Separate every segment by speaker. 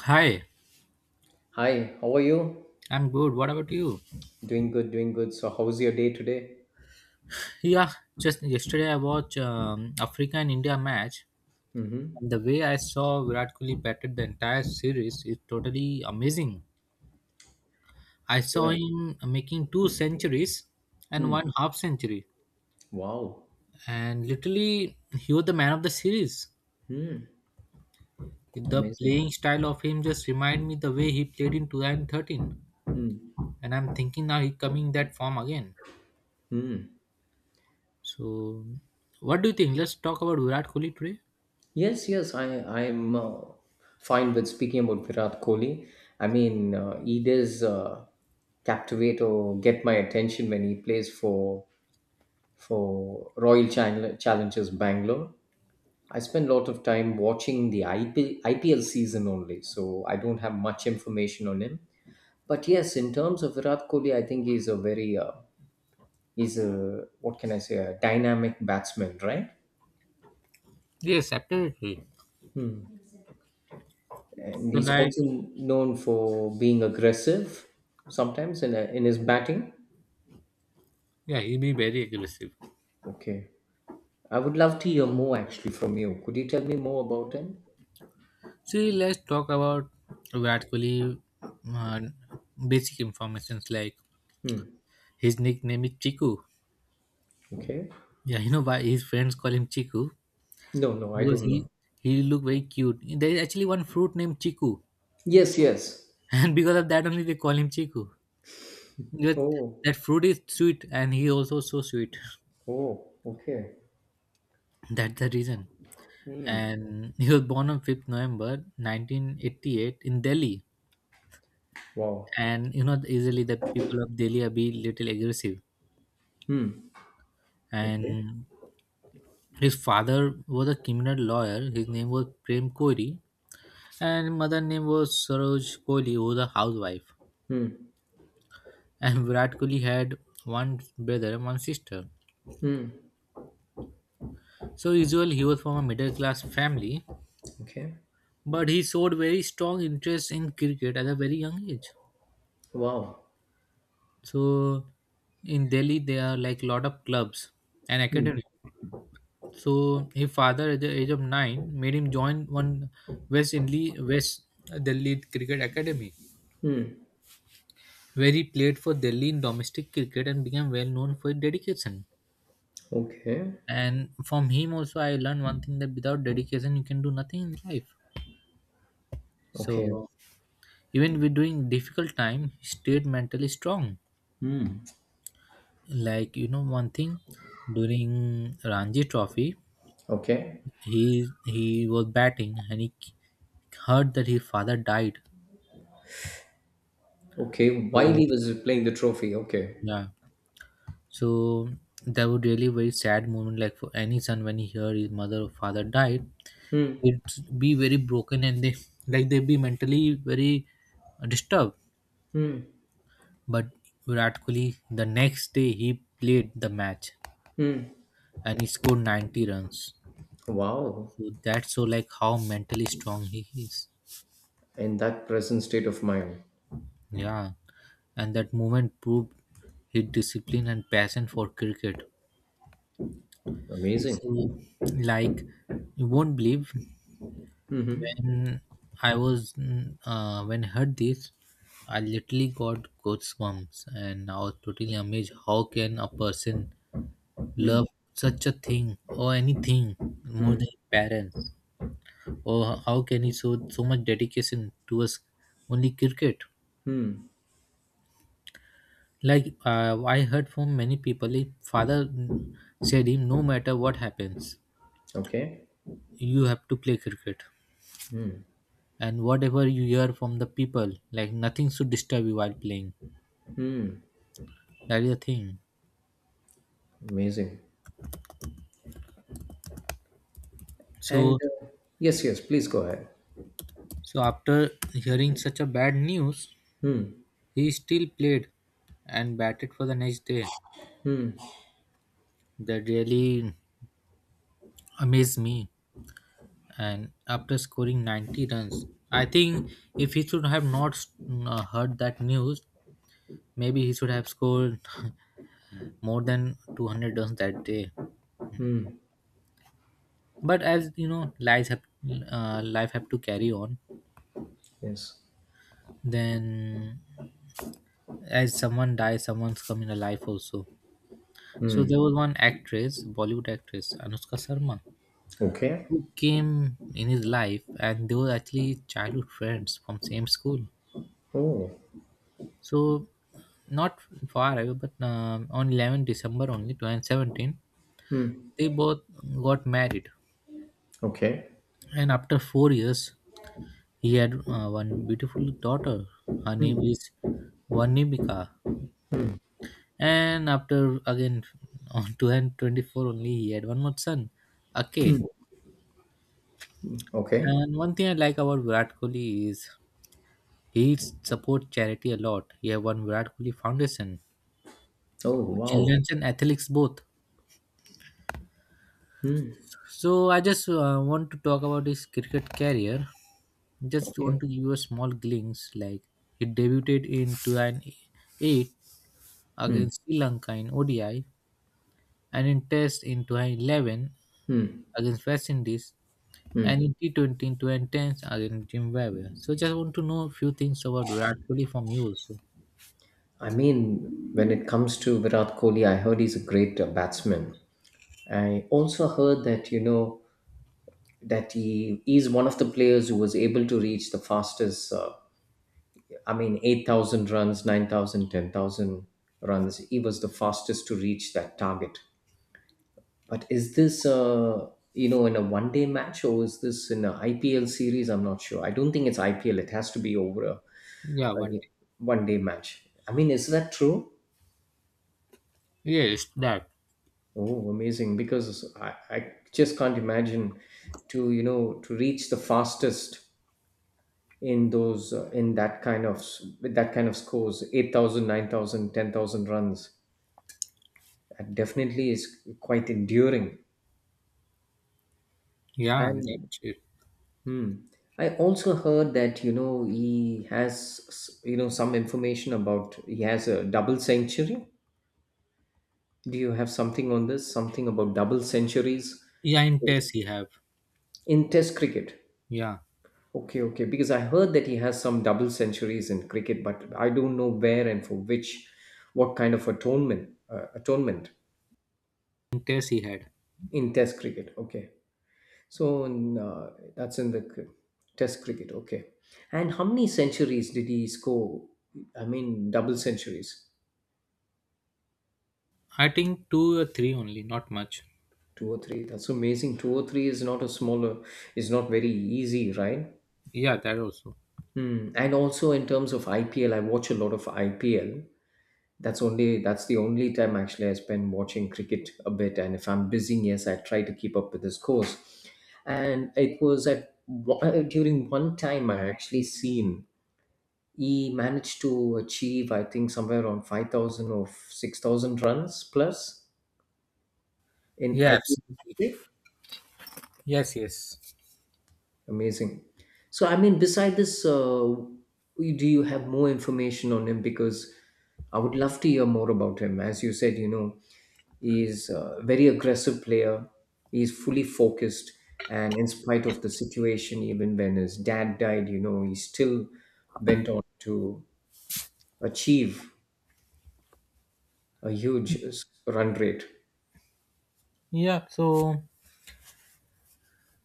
Speaker 1: Hi,
Speaker 2: Hi, how are you?
Speaker 1: I'm good. What about you?
Speaker 2: Doing good, doing good. So, how's your day today?
Speaker 1: Yeah, just yesterday I watched Africa and India match,
Speaker 2: Mm-hmm.
Speaker 1: and the way I saw Virat Kohli batted the entire series is totally amazing. I saw
Speaker 2: Yeah.
Speaker 1: him making two centuries and
Speaker 2: Hmm.
Speaker 1: one half century,
Speaker 2: Wow.
Speaker 1: and literally he was the man of the series.
Speaker 2: Hmm.
Speaker 1: The
Speaker 2: Amazing.
Speaker 1: playing style of him just remind me the way he played in 2013,
Speaker 2: Hmm.
Speaker 1: and I'm thinking now he coming that form again.
Speaker 2: Hmm.
Speaker 1: So, what do you think? Let's talk about Virat Kohli today.
Speaker 2: Yes, yes, I'm fine with speaking about Virat Kohli. I mean, he does captivate or get my attention when he plays for Royal Challengers Bangalore. I spend a lot of time watching the IPL season only, so I don't have much information on him. But yes, in terms of Virat Kohli, I think he's a very he's a what can I say a dynamic batsman, right?
Speaker 1: Yes, absolutely.
Speaker 2: Hmm. And
Speaker 1: So
Speaker 2: he's
Speaker 1: like,
Speaker 2: also known for being aggressive sometimes in his batting.
Speaker 1: yeah, he be very aggressive.
Speaker 2: Okay. I would love to hear more actually from you. Could you tell me more about him?
Speaker 1: See, let's talk about Virat Kohli. Basic informations like
Speaker 2: Hmm.
Speaker 1: his nickname is Chiku.
Speaker 2: Okay.
Speaker 1: Yeah, you know why his friends call him Chiku
Speaker 2: No, no, I
Speaker 1: because
Speaker 2: don't
Speaker 1: he
Speaker 2: know.
Speaker 1: he look very cute. There is actually one fruit named Chiku,
Speaker 2: Yes, yes.
Speaker 1: and because of that only they call him Chiku. Because
Speaker 2: Oh,
Speaker 1: that fruit is sweet, and he also so sweet.
Speaker 2: oh, okay.
Speaker 1: That's the reason.
Speaker 2: Hmm.
Speaker 1: And he was born on fifth November 1988 in Delhi.
Speaker 2: Wow.
Speaker 1: And you know easily the people of Delhi are be little aggressive,
Speaker 2: Hmm. Okay.
Speaker 1: and his father was a criminal lawyer. His name was Prem Kohli, and mother name was Saroj Kohli, who was a housewife.
Speaker 2: Hmm.
Speaker 1: And Virat Kohli had one brother and one sister,
Speaker 2: Hmm.
Speaker 1: so usually he was from a middle class family,
Speaker 2: Okay.
Speaker 1: but he showed very strong interest in cricket at a very young age.
Speaker 2: Wow.
Speaker 1: So in Delhi there are like lot of clubs and
Speaker 2: Hmm.
Speaker 1: academy. So his father, at the age of 9, made him join one West Delhi West Delhi Cricket Academy,
Speaker 2: Hmm.
Speaker 1: where he played for Delhi in domestic cricket and became well known for his dedication.
Speaker 2: Okay.
Speaker 1: And from him also, I learned one thing that without dedication, you can do nothing in life.
Speaker 2: Okay.
Speaker 1: So even with doing difficult time, he stayed mentally strong.
Speaker 2: Hmm.
Speaker 1: Like you know, one thing during Ranji Trophy,
Speaker 2: Okay.
Speaker 1: he was batting and he hurt that his father died.
Speaker 2: Okay. While
Speaker 1: So
Speaker 2: he was playing the trophy. Okay.
Speaker 1: yeah, so that would really very sad moment like for any son when he heard his mother or father died,
Speaker 2: Hmm.
Speaker 1: it's be very broken and they like they be mentally very disturbed.
Speaker 2: Hmm.
Speaker 1: But Virat Kohli the next day he played the match
Speaker 2: Hmm.
Speaker 1: and he scored 90 runs.
Speaker 2: Wow,
Speaker 1: So that's so like how mentally strong he is.
Speaker 2: and that present state of mind.
Speaker 1: Yeah. And that moment proved his discipline and passion for cricket.
Speaker 2: Amazing.
Speaker 1: So like you won't believe
Speaker 2: Mm-hmm.
Speaker 1: When when I heard this, I literally got goosebumps, and I was totally amazed. How can a person love such a thing or anything more
Speaker 2: Mm-hmm.
Speaker 1: than parents? Or how can he show so much dedication towards only cricket?
Speaker 2: Hmm.
Speaker 1: Like I heard from many people, if father said him, no matter what happens,
Speaker 2: Okay.
Speaker 1: you have to play cricket,
Speaker 2: Mm.
Speaker 1: and whatever you hear from the people, like nothing should disturb you while playing. That is the thing.
Speaker 2: Amazing. And
Speaker 1: So,
Speaker 2: uh, yes, yes, please go ahead.
Speaker 1: so, after hearing such a bad news,
Speaker 2: Hmm.
Speaker 1: he still played and batted for the next day. That really amazed me. And after scoring 90 runs, I think if he should have not heard that news, maybe he should have scored more than 200 runs that day. But as you know, lives have life have to carry on.
Speaker 2: Yes.
Speaker 1: Then, as someone dies, someone's coming alive also. So there was one actress, Bollywood actress Anushka Sharma,
Speaker 2: Okay.
Speaker 1: who came in his life, and they were actually childhood friends from same school.
Speaker 2: Oh.
Speaker 1: So not far away, but on 11 December only 2017,
Speaker 2: Hmm.
Speaker 1: they both got married,
Speaker 2: Okay.
Speaker 1: and after 4 years, he had one beautiful daughter. Her
Speaker 2: Hmm.
Speaker 1: name is Vanibika, and after again on 2024 only, he had one more son, Ake.
Speaker 2: Hmm. Okay.
Speaker 1: And one thing I like about Virat Kohli is he supports charity a lot. He have one Virat Kohli Foundation,
Speaker 2: Oh, wow.
Speaker 1: children's and athletics both. So I just want to talk about his cricket career. Just want
Speaker 2: Okay.
Speaker 1: to give you a small glimpse. Like he debuted in 2008 against Sri Lanka in ODI, and in Test in 2011 against West Indies, and in T20 in 2010 against Zimbabwe. So just want to know a few things about Virat Kohli from you also.
Speaker 2: I mean, when it comes to Virat Kohli, I heard he's a great batsman. I also heard that, you know, that he is one of the players who was able to reach the fastest I mean, 8,000 runs, 9,000, 10,000 runs. He was the fastest to reach that target. But is this, you know, in a 1 day match or is this in an IPL series? I'm not sure. I don't think it's IPL. It has to be over a,
Speaker 1: Yeah, one
Speaker 2: a
Speaker 1: day.
Speaker 2: 1 day match. I mean, is that true?
Speaker 1: Yes, that.
Speaker 2: Oh, amazing. Because I just can't imagine to, you know, to reach the fastest in those in that kind of with that kind of scores 8,000, 9,000, 10,000 runs. That definitely is quite enduring.
Speaker 1: Yeah, that's
Speaker 2: And
Speaker 1: it.
Speaker 2: hmm, I also heard that you know he has you know some information about he has a double century. Do you have something on this? Something about double centuries
Speaker 1: Yeah, in test he have.
Speaker 2: in Test cricket?
Speaker 1: Yeah,
Speaker 2: Okay, okay. Because I heard that he has some double centuries in cricket, but I don't know where and for which, what kind of atonement, atonement
Speaker 1: in test he had.
Speaker 2: in Test cricket. Okay. So in, that's in the Test cricket, okay. And how many centuries did he score? I mean, double centuries,
Speaker 1: I think two or three only, not much.
Speaker 2: two or three. That's amazing. Two or three is not a smaller, is not very easy, right?
Speaker 1: Yeah, that also.
Speaker 2: Hmm. And also in terms of IPL, I watch a lot of IPL. That's only that's the only time actually I spend watching cricket a bit. And if I'm busy, yes, I try to keep up with the scores. And it was at during one time I actually seen he managed to achieve I think somewhere around 5000 or 6000 runs plus in
Speaker 1: Yeah,
Speaker 2: IPL.
Speaker 1: absolutely. Yes, yes.
Speaker 2: Amazing. So I mean beside this do you have more information on him because I would love to hear more about him. As you said, you know, he's a very aggressive player, he's fully focused, and in spite of the situation, even when his dad died, you know, he still went on to achieve a huge run rate.
Speaker 1: Yeah. So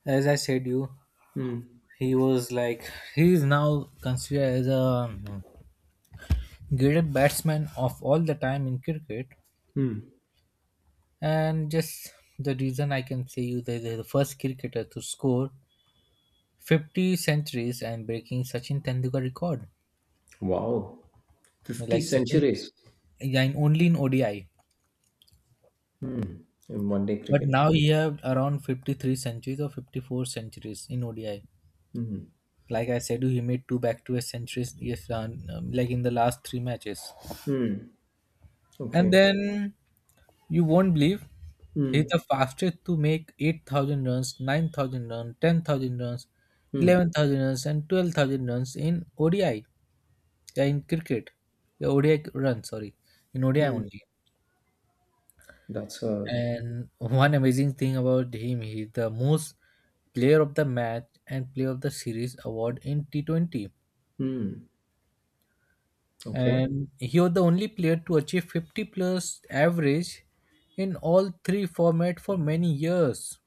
Speaker 1: as I said, you
Speaker 2: Hmm.
Speaker 1: he was like he is now considered as a greatest batsman of all the time in cricket,
Speaker 2: Hmm.
Speaker 1: and just the reason I can say you that they're the first cricketer to score 50 centuries and breaking Sachin Tendulkar record.
Speaker 2: Wow. 50
Speaker 1: Like Sachin,
Speaker 2: centuries
Speaker 1: yeah, in only in ODI.
Speaker 2: in 1 day
Speaker 1: But
Speaker 2: cricket.
Speaker 1: now he have around 53 centuries or 54 centuries in ODI. Like I said, he made two back-to-back centuries. Yes, like in the last three matches.
Speaker 2: Hmm.
Speaker 1: And
Speaker 2: Okay.
Speaker 1: then you won't believe he's the
Speaker 2: Hmm.
Speaker 1: fastest to make 8,000 runs, 9,000 runs, 10,000 runs,
Speaker 2: Hmm.
Speaker 1: 11,000 runs, and 12,000 runs in ODI. Yeah, in cricket. Yeah, ODI runs. Sorry, in ODI
Speaker 2: Hmm.
Speaker 1: only.
Speaker 2: That's a.
Speaker 1: And one amazing thing about him, he is the most player of the match and player of the series award in T20.
Speaker 2: Hmm. Okay.
Speaker 1: And he was the only player to achieve 50 plus average in all three formats for many years.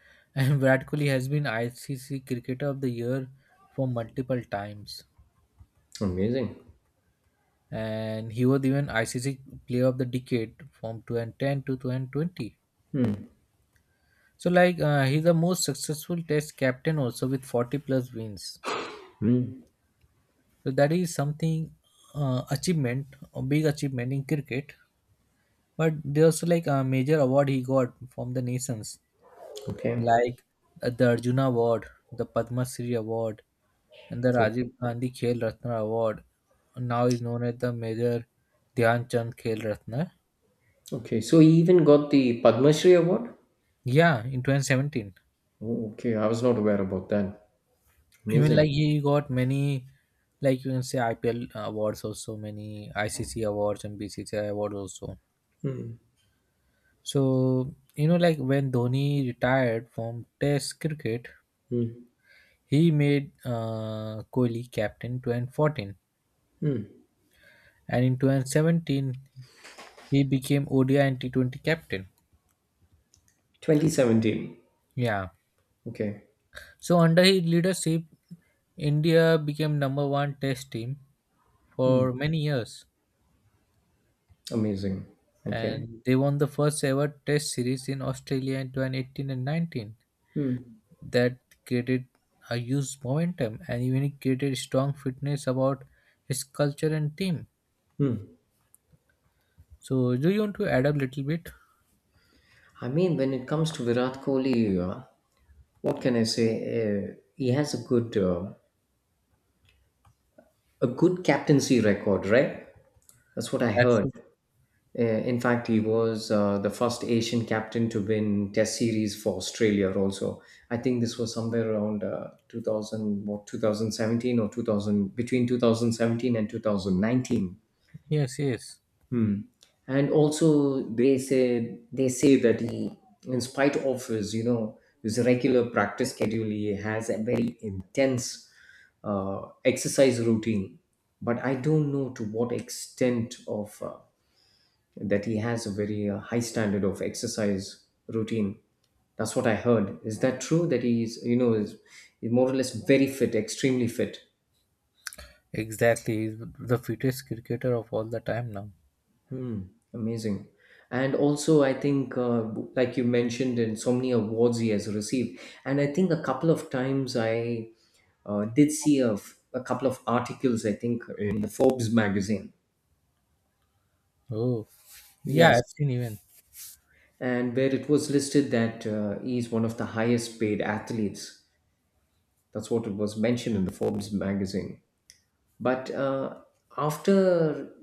Speaker 1: And Virat Kohli has been ICC Cricketer of the Year for multiple times.
Speaker 2: Amazing.
Speaker 1: And he was even ICC Player of the Decade from 2010 to 2020. So, like, he's the most successful Test captain also with 40 plus wins. So that is something achievement, a big achievement in cricket. But there's like a major award he got from the nations,
Speaker 2: Okay.
Speaker 1: like the Arjuna Award, the Padma Shri Award, and the
Speaker 2: Okay.
Speaker 1: Rajiv Gandhi Khel Ratna Award. Now is known as the Major Dhyan Chand Khel Ratna.
Speaker 2: Okay. So he even got the Padma Shri award?
Speaker 1: Yeah, in 2017.
Speaker 2: Oh, okay. I was not aware about that.
Speaker 1: Even
Speaker 2: Amazing.
Speaker 1: like he got many, like you can say IPL awards also, many ICC awards and BCCI awards also.
Speaker 2: Hmm.
Speaker 1: So, you know, like when Dhoni retired from Test cricket,
Speaker 2: Hmm.
Speaker 1: he made Kohli captain 2014,
Speaker 2: Hmm.
Speaker 1: and in 2017 he became ODI and T20 captain.
Speaker 2: 2017.
Speaker 1: Yeah.
Speaker 2: Okay.
Speaker 1: So under his leadership, India became number one Test team for many years,
Speaker 2: Amazing. Okay.
Speaker 1: and they won the first ever Test series in Australia in 2018 and 19.
Speaker 2: Hmm.
Speaker 1: That created a huge momentum and even it created strong fitness about his culture and team.
Speaker 2: Hmm.
Speaker 1: So do you want to add up a little bit?
Speaker 2: I mean, when it comes to Virat Kohli, what can I say? He has a good captaincy record, right? That's what I heard.
Speaker 1: Absolutely.
Speaker 2: In fact, he was the first Asian captain to win Test series for Australia. Also, I think this was somewhere around 2000, what 2017 or 2000 between 2017 and 2019.
Speaker 1: Yes, yes.
Speaker 2: Hmm. And also, they say that he, in spite of his, you know, his regular practice schedule, he has a very intense exercise routine. But I don't know to what extent of that he has a very high standard of exercise routine. That's what I heard. Is that true? That he's, you know, is more or less very fit, extremely fit.
Speaker 1: Exactly. He's the fittest cricketer of all the time now.
Speaker 2: Hmm, amazing. And also, I think, like you mentioned, in so many awards he has received, and I think a couple of times I did see a, a couple of articles, I think, in the Forbes magazine.
Speaker 1: Oh. Yeah,
Speaker 2: Yes.
Speaker 1: I've seen even.
Speaker 2: And where it was listed that he's one of the highest paid athletes. That's what it was mentioned in the Forbes magazine. But after,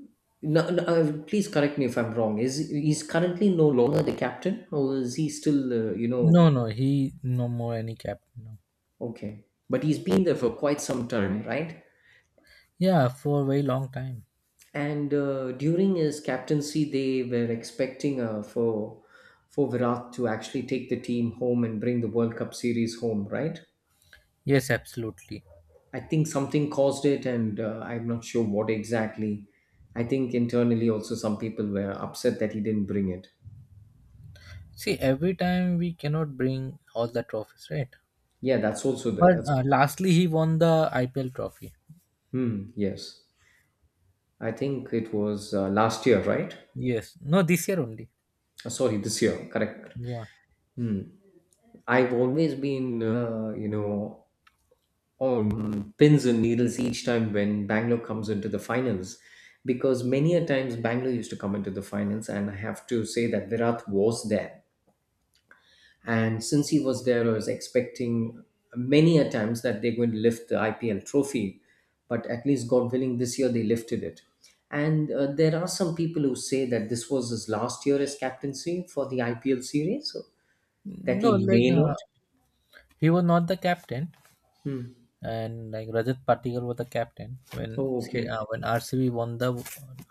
Speaker 2: no, no, please correct me if I'm wrong. Is he's currently no longer the captain, or is he still, you
Speaker 1: No,
Speaker 2: know.
Speaker 1: no, he no more any captain now.
Speaker 2: Okay. But he's been there for quite some time, right?
Speaker 1: Yeah, for a very long time.
Speaker 2: And during his captaincy, they were expecting for Virat to actually take the team home and bring the World Cup series home, right?
Speaker 1: Yes, absolutely.
Speaker 2: I think something caused it, and I'm not sure what exactly. I think internally also some people were upset that he didn't bring it.
Speaker 1: See, every time we cannot bring all the trophies, right?
Speaker 2: Yeah, that's also there.
Speaker 1: But
Speaker 2: That's
Speaker 1: lastly, he won the IPL trophy.
Speaker 2: hmm, yes. I think it was last year, right?
Speaker 1: Yes. No, this year only.
Speaker 2: Sorry, this year. Correct.
Speaker 1: Yeah.
Speaker 2: Hmm. I've always been, you know, on pins and needles each time when Bangalore comes into the finals. Because many a times Bangalore used to come into the finals, and I have to say that Virat was there. And since he was there, I was expecting many a times that they're going to lift the IPL trophy. But at least, God willing, this year they lifted it. And there are some people who say that this was his last year as captaincy for the IPL series, so that
Speaker 1: No,
Speaker 2: he
Speaker 1: like
Speaker 2: may not.
Speaker 1: he was not the captain,
Speaker 2: Hmm.
Speaker 1: and like Rajat Patikal was the captain when
Speaker 2: Oh,
Speaker 1: C- uh,
Speaker 2: okay.
Speaker 1: when RCB won the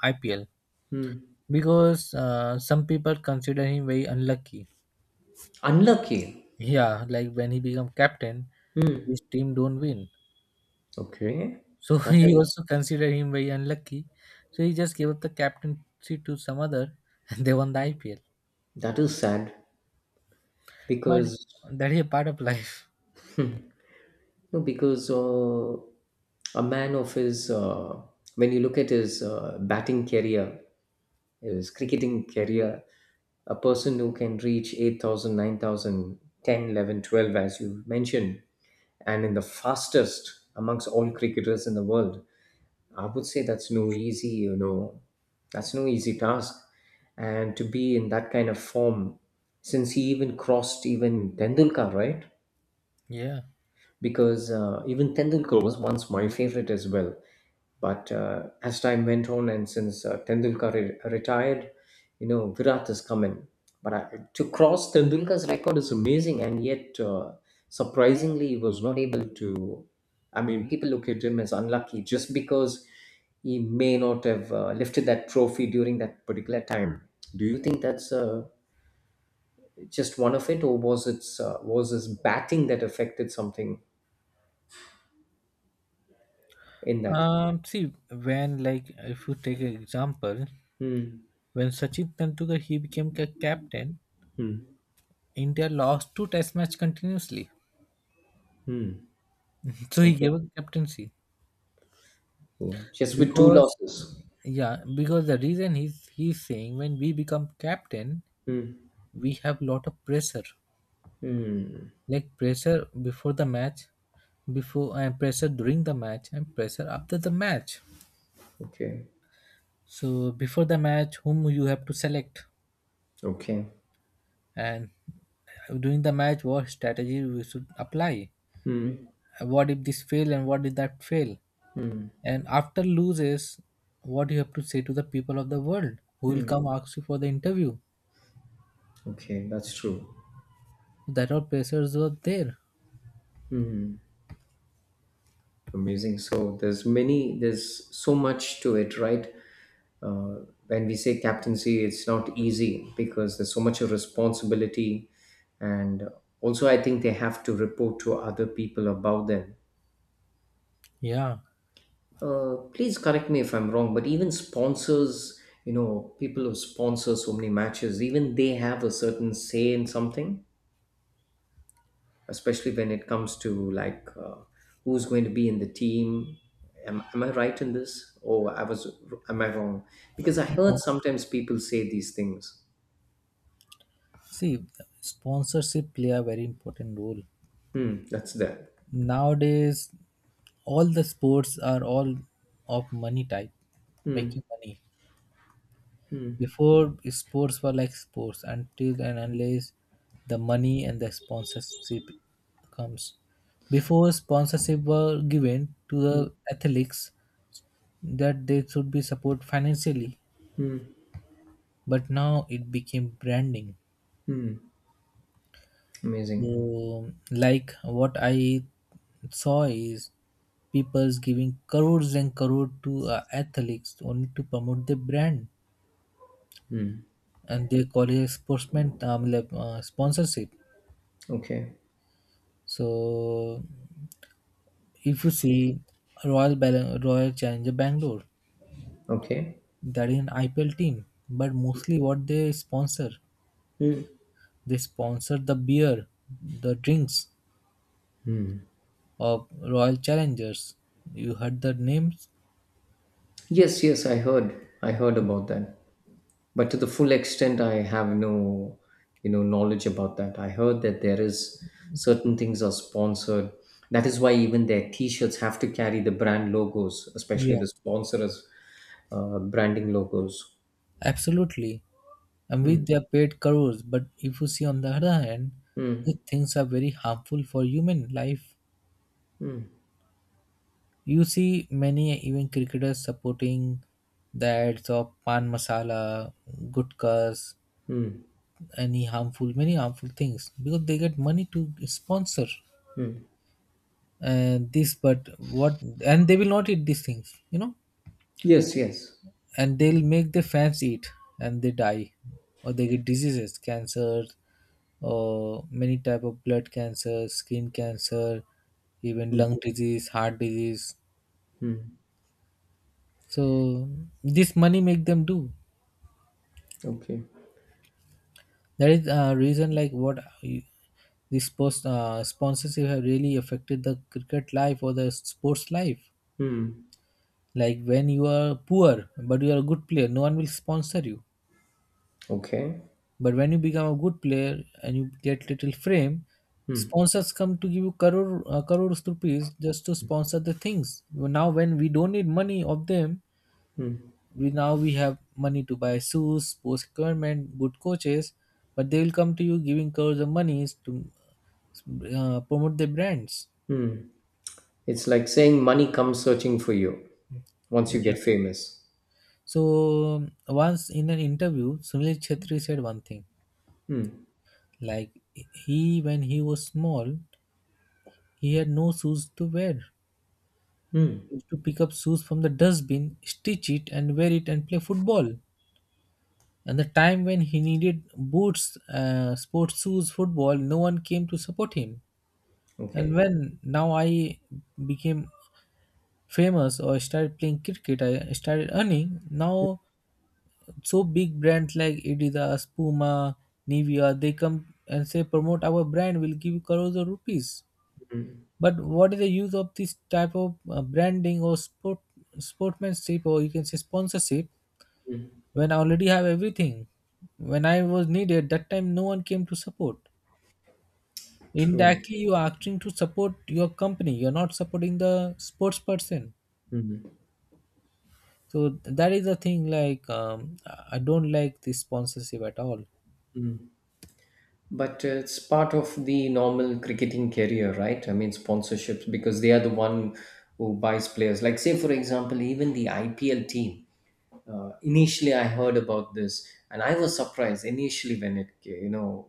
Speaker 1: IPL
Speaker 2: Hmm.
Speaker 1: because some people consider him very unlucky.
Speaker 2: Unlucky.
Speaker 1: Yeah, like when he become captain,
Speaker 2: Hmm.
Speaker 1: his team don't win,
Speaker 2: Okay,
Speaker 1: so
Speaker 2: that
Speaker 1: he
Speaker 2: is
Speaker 1: also consider him very unlucky. So he just gave up the captaincy to some other, and they won the IPL.
Speaker 2: sad
Speaker 1: But
Speaker 2: because
Speaker 1: that is a part of life.
Speaker 2: no, because a man of his when you look at his batting career, his cricketing career, a person who can reach 8,000, 9,000, 10, 11, 12, as you mentioned, and in the fastest amongst all cricketers in the world. I would say that's no easy, you know, that's no easy task. And to be in that kind of form, since he even crossed even Tendulkar, right?
Speaker 1: Yeah.
Speaker 2: Because even Tendulkar was once my favorite as well. But as time went on, and since Tendulkar retired, you know Virat has come in. But I, to cross Tendulkar's record is amazing, and yet surprisingly, he was not able to. I mean, people look at him as unlucky just because he may not have lifted that trophy during that particular time. Do you think that's just one of it, or was it was his batting that affected something in that?
Speaker 1: See, when like if you take an example,
Speaker 2: Hmm.
Speaker 1: when Sachin Tendulkar he became captain,
Speaker 2: Hmm.
Speaker 1: India lost two Test match continuously,
Speaker 2: Hmm.
Speaker 1: so he
Speaker 2: Okay.
Speaker 1: gave up captaincy
Speaker 2: Cool. Just with two
Speaker 1: because
Speaker 2: losses.
Speaker 1: yeah because the reason he's saying when we become captain
Speaker 2: Hmm.
Speaker 1: we have lot of pressure,
Speaker 2: Hmm.
Speaker 1: like pressure before the match before and pressure during the match and pressure after the match.
Speaker 2: Okay.
Speaker 1: So before the match whom you have to select,
Speaker 2: Okay.
Speaker 1: and during the match what strategy we should apply,
Speaker 2: Hmm.
Speaker 1: what if this fail and what if that fail.
Speaker 2: Hmm.
Speaker 1: And after loses, what you have to say to the people of the world who will
Speaker 2: Hmm.
Speaker 1: come ask you for the interview.
Speaker 2: Okay. That's true.
Speaker 1: So that all pressures were there.
Speaker 2: Hmm. Amazing. So there's many. There's so much to it, right? Uh, when we say captaincy, it's not easy because there's so much of responsibility, and also I think they have to report to other people about them.
Speaker 1: Yeah.
Speaker 2: Please correct me if I'm wrong, but even sponsors, you know, people who sponsor so many matches, even they have a certain say in something, especially when it comes to like who's going to be in the team. Am I right in this? Am I wrong? Because I
Speaker 1: You
Speaker 2: heard
Speaker 1: know,
Speaker 2: sometimes people say these things.
Speaker 1: see, sponsorship play a very important role.
Speaker 2: Hmm, that's that.
Speaker 1: Nowadays, all the sports are all of money type,
Speaker 2: Hmm,
Speaker 1: making money. Before, sports were like sports until and unless the money and the sponsorship comes. Before, sponsorship were given to the athletes that they should be support financially, but now it became branding. So
Speaker 2: amazing.
Speaker 1: like what I saw is people's giving crores and crore to athletes only to promote their brand, and they call it sportsman like, sponsorship.
Speaker 2: Okay,
Speaker 1: So if you see royal challenger Bangalore,
Speaker 2: okay.
Speaker 1: that is an IPL team, but mostly what they sponsor, they sponsor the beer, the drinks of Royal Challengers. You heard the names?
Speaker 2: Yes, yes, I heard. I heard about that. But to the full extent I have no, you know, knowledge about that. I heard that there is certain things are sponsored, that is why even their t-shirts have to carry the brand logos,
Speaker 1: Yeah,
Speaker 2: especially the sponsors branding logos.
Speaker 1: absolutely. And with their paid crores, but if you see on the other hand, these
Speaker 2: Hmm.
Speaker 1: things are very harmful for human life. You see many even cricketers supporting the ads of pan masala, gutkas, any harmful, many harmful things because they get money to sponsor and this. But what and they will not eat these things, you know,
Speaker 2: Yes, yes.
Speaker 1: and they'll make the fans eat, and they die or they get diseases cancer or many type of blood cancer, skin cancer, even lung disease, heart disease. So this money make them do.
Speaker 2: Okay,
Speaker 1: That is a reason, like what this post sponsorship have really affected the cricket life or the sports life. Like when you are poor but you are a good player, no one will sponsor you.
Speaker 2: okay.
Speaker 1: But when you become a good player and you get little frame, sponsors come to give you crores rupees just to sponsor the things. Well, now, when we don't need money of them, we now we have money to buy shoes, sports equipment, good coaches, but they will come to you giving crores of monies to promote their brands.
Speaker 2: It's like saying money comes searching for you once you
Speaker 1: Yeah.
Speaker 2: get famous.
Speaker 1: So once in an interview, Sunil Chetri said one thing like he when he was small, he had no shoes to wear, used to pick up shoes from the dustbin, stitch it, and wear it and play football. And the time when he needed boots, sports shoes, football, no one came to support him. And
Speaker 2: Okay.
Speaker 1: when now I became famous or started playing cricket, I started earning. Now, so big brands like Adidas, Puma, Nivea, they come and say promote our brand, we'll give you crores of rupees. But what is the use of this type of branding or sportsmanship, or you can say sponsorship, when I already have everything. When I was needed, that time no one came to support.
Speaker 2: True.
Speaker 1: Indirectly, you are acting to support your company. You're not supporting the sports person. So that is the thing. Like I don't like this sponsorship at all.
Speaker 2: But it's part of the normal cricketing career, right? I mean, sponsorships, because they are the one who buys players. Like, say, for example, even the IPL team. Initially, I heard about this, and I was surprised initially when it, you know,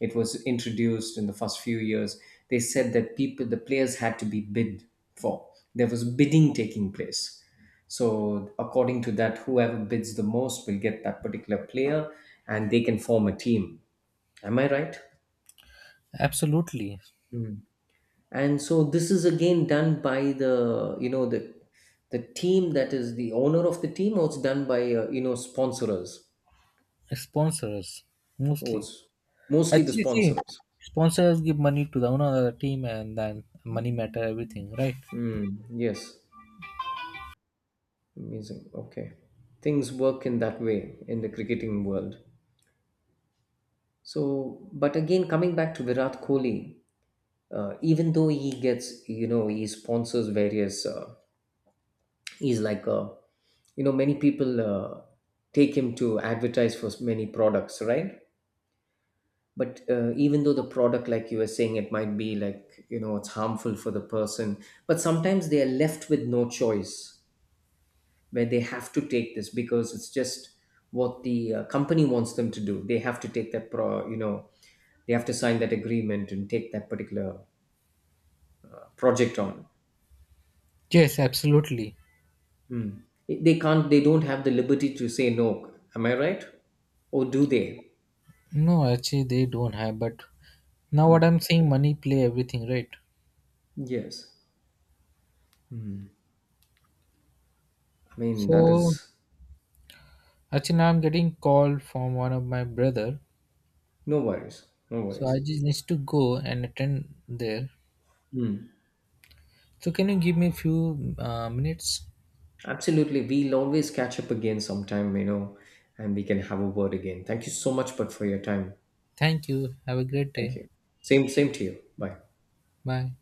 Speaker 2: it was introduced in the first few years. They said that people, the players had to be bid for. There was bidding taking place. So, according to that, whoever bids the most will get that particular player, and they can form a team. Am I right?
Speaker 1: Absolutely,
Speaker 2: Mm. And so this is again done by the you know the team that is the owner of the team, or it's done by you know sponsors.
Speaker 1: sponsors
Speaker 2: Oh,
Speaker 1: mostly.
Speaker 2: it's mostly the
Speaker 1: Actually,
Speaker 2: sponsors.
Speaker 1: see, sponsors give money to the owner of the team, and then money matter everything, right?
Speaker 2: Mm. Yes, amazing. Okay, things work in that way in the cricketing world. So, but again, coming back to Virat Kohli, even though he gets you know he sponsors various, he's like a you know many people take him to advertise for many products, right? But even though the product like you were saying it might be like you know it's harmful for the person, but sometimes they are left with no choice where they have to take this because it's just what the company wants them to do. They have to take that pro you know they have to sign that agreement and take that particular project on.
Speaker 1: Yes, absolutely.
Speaker 2: Hmm. They can't, they don't have the liberty to say no, am I right or do they?
Speaker 1: No, actually, they don't have. But now what
Speaker 2: Hmm.
Speaker 1: I'm saying, money play everything, right?
Speaker 2: Yes, I mean that is.
Speaker 1: So Archana, I'm getting call from one of my brother.
Speaker 2: No worries, no
Speaker 1: So
Speaker 2: worries.
Speaker 1: I just need to go and attend there. So can you give me a few minutes?
Speaker 2: Absolutely. We'll always catch up again sometime, you know, and we can have a word again. Thank you so much, but for your time.
Speaker 1: Thank you. Have a great day.
Speaker 2: Thank you. Same, same to you. Bye.
Speaker 1: Bye.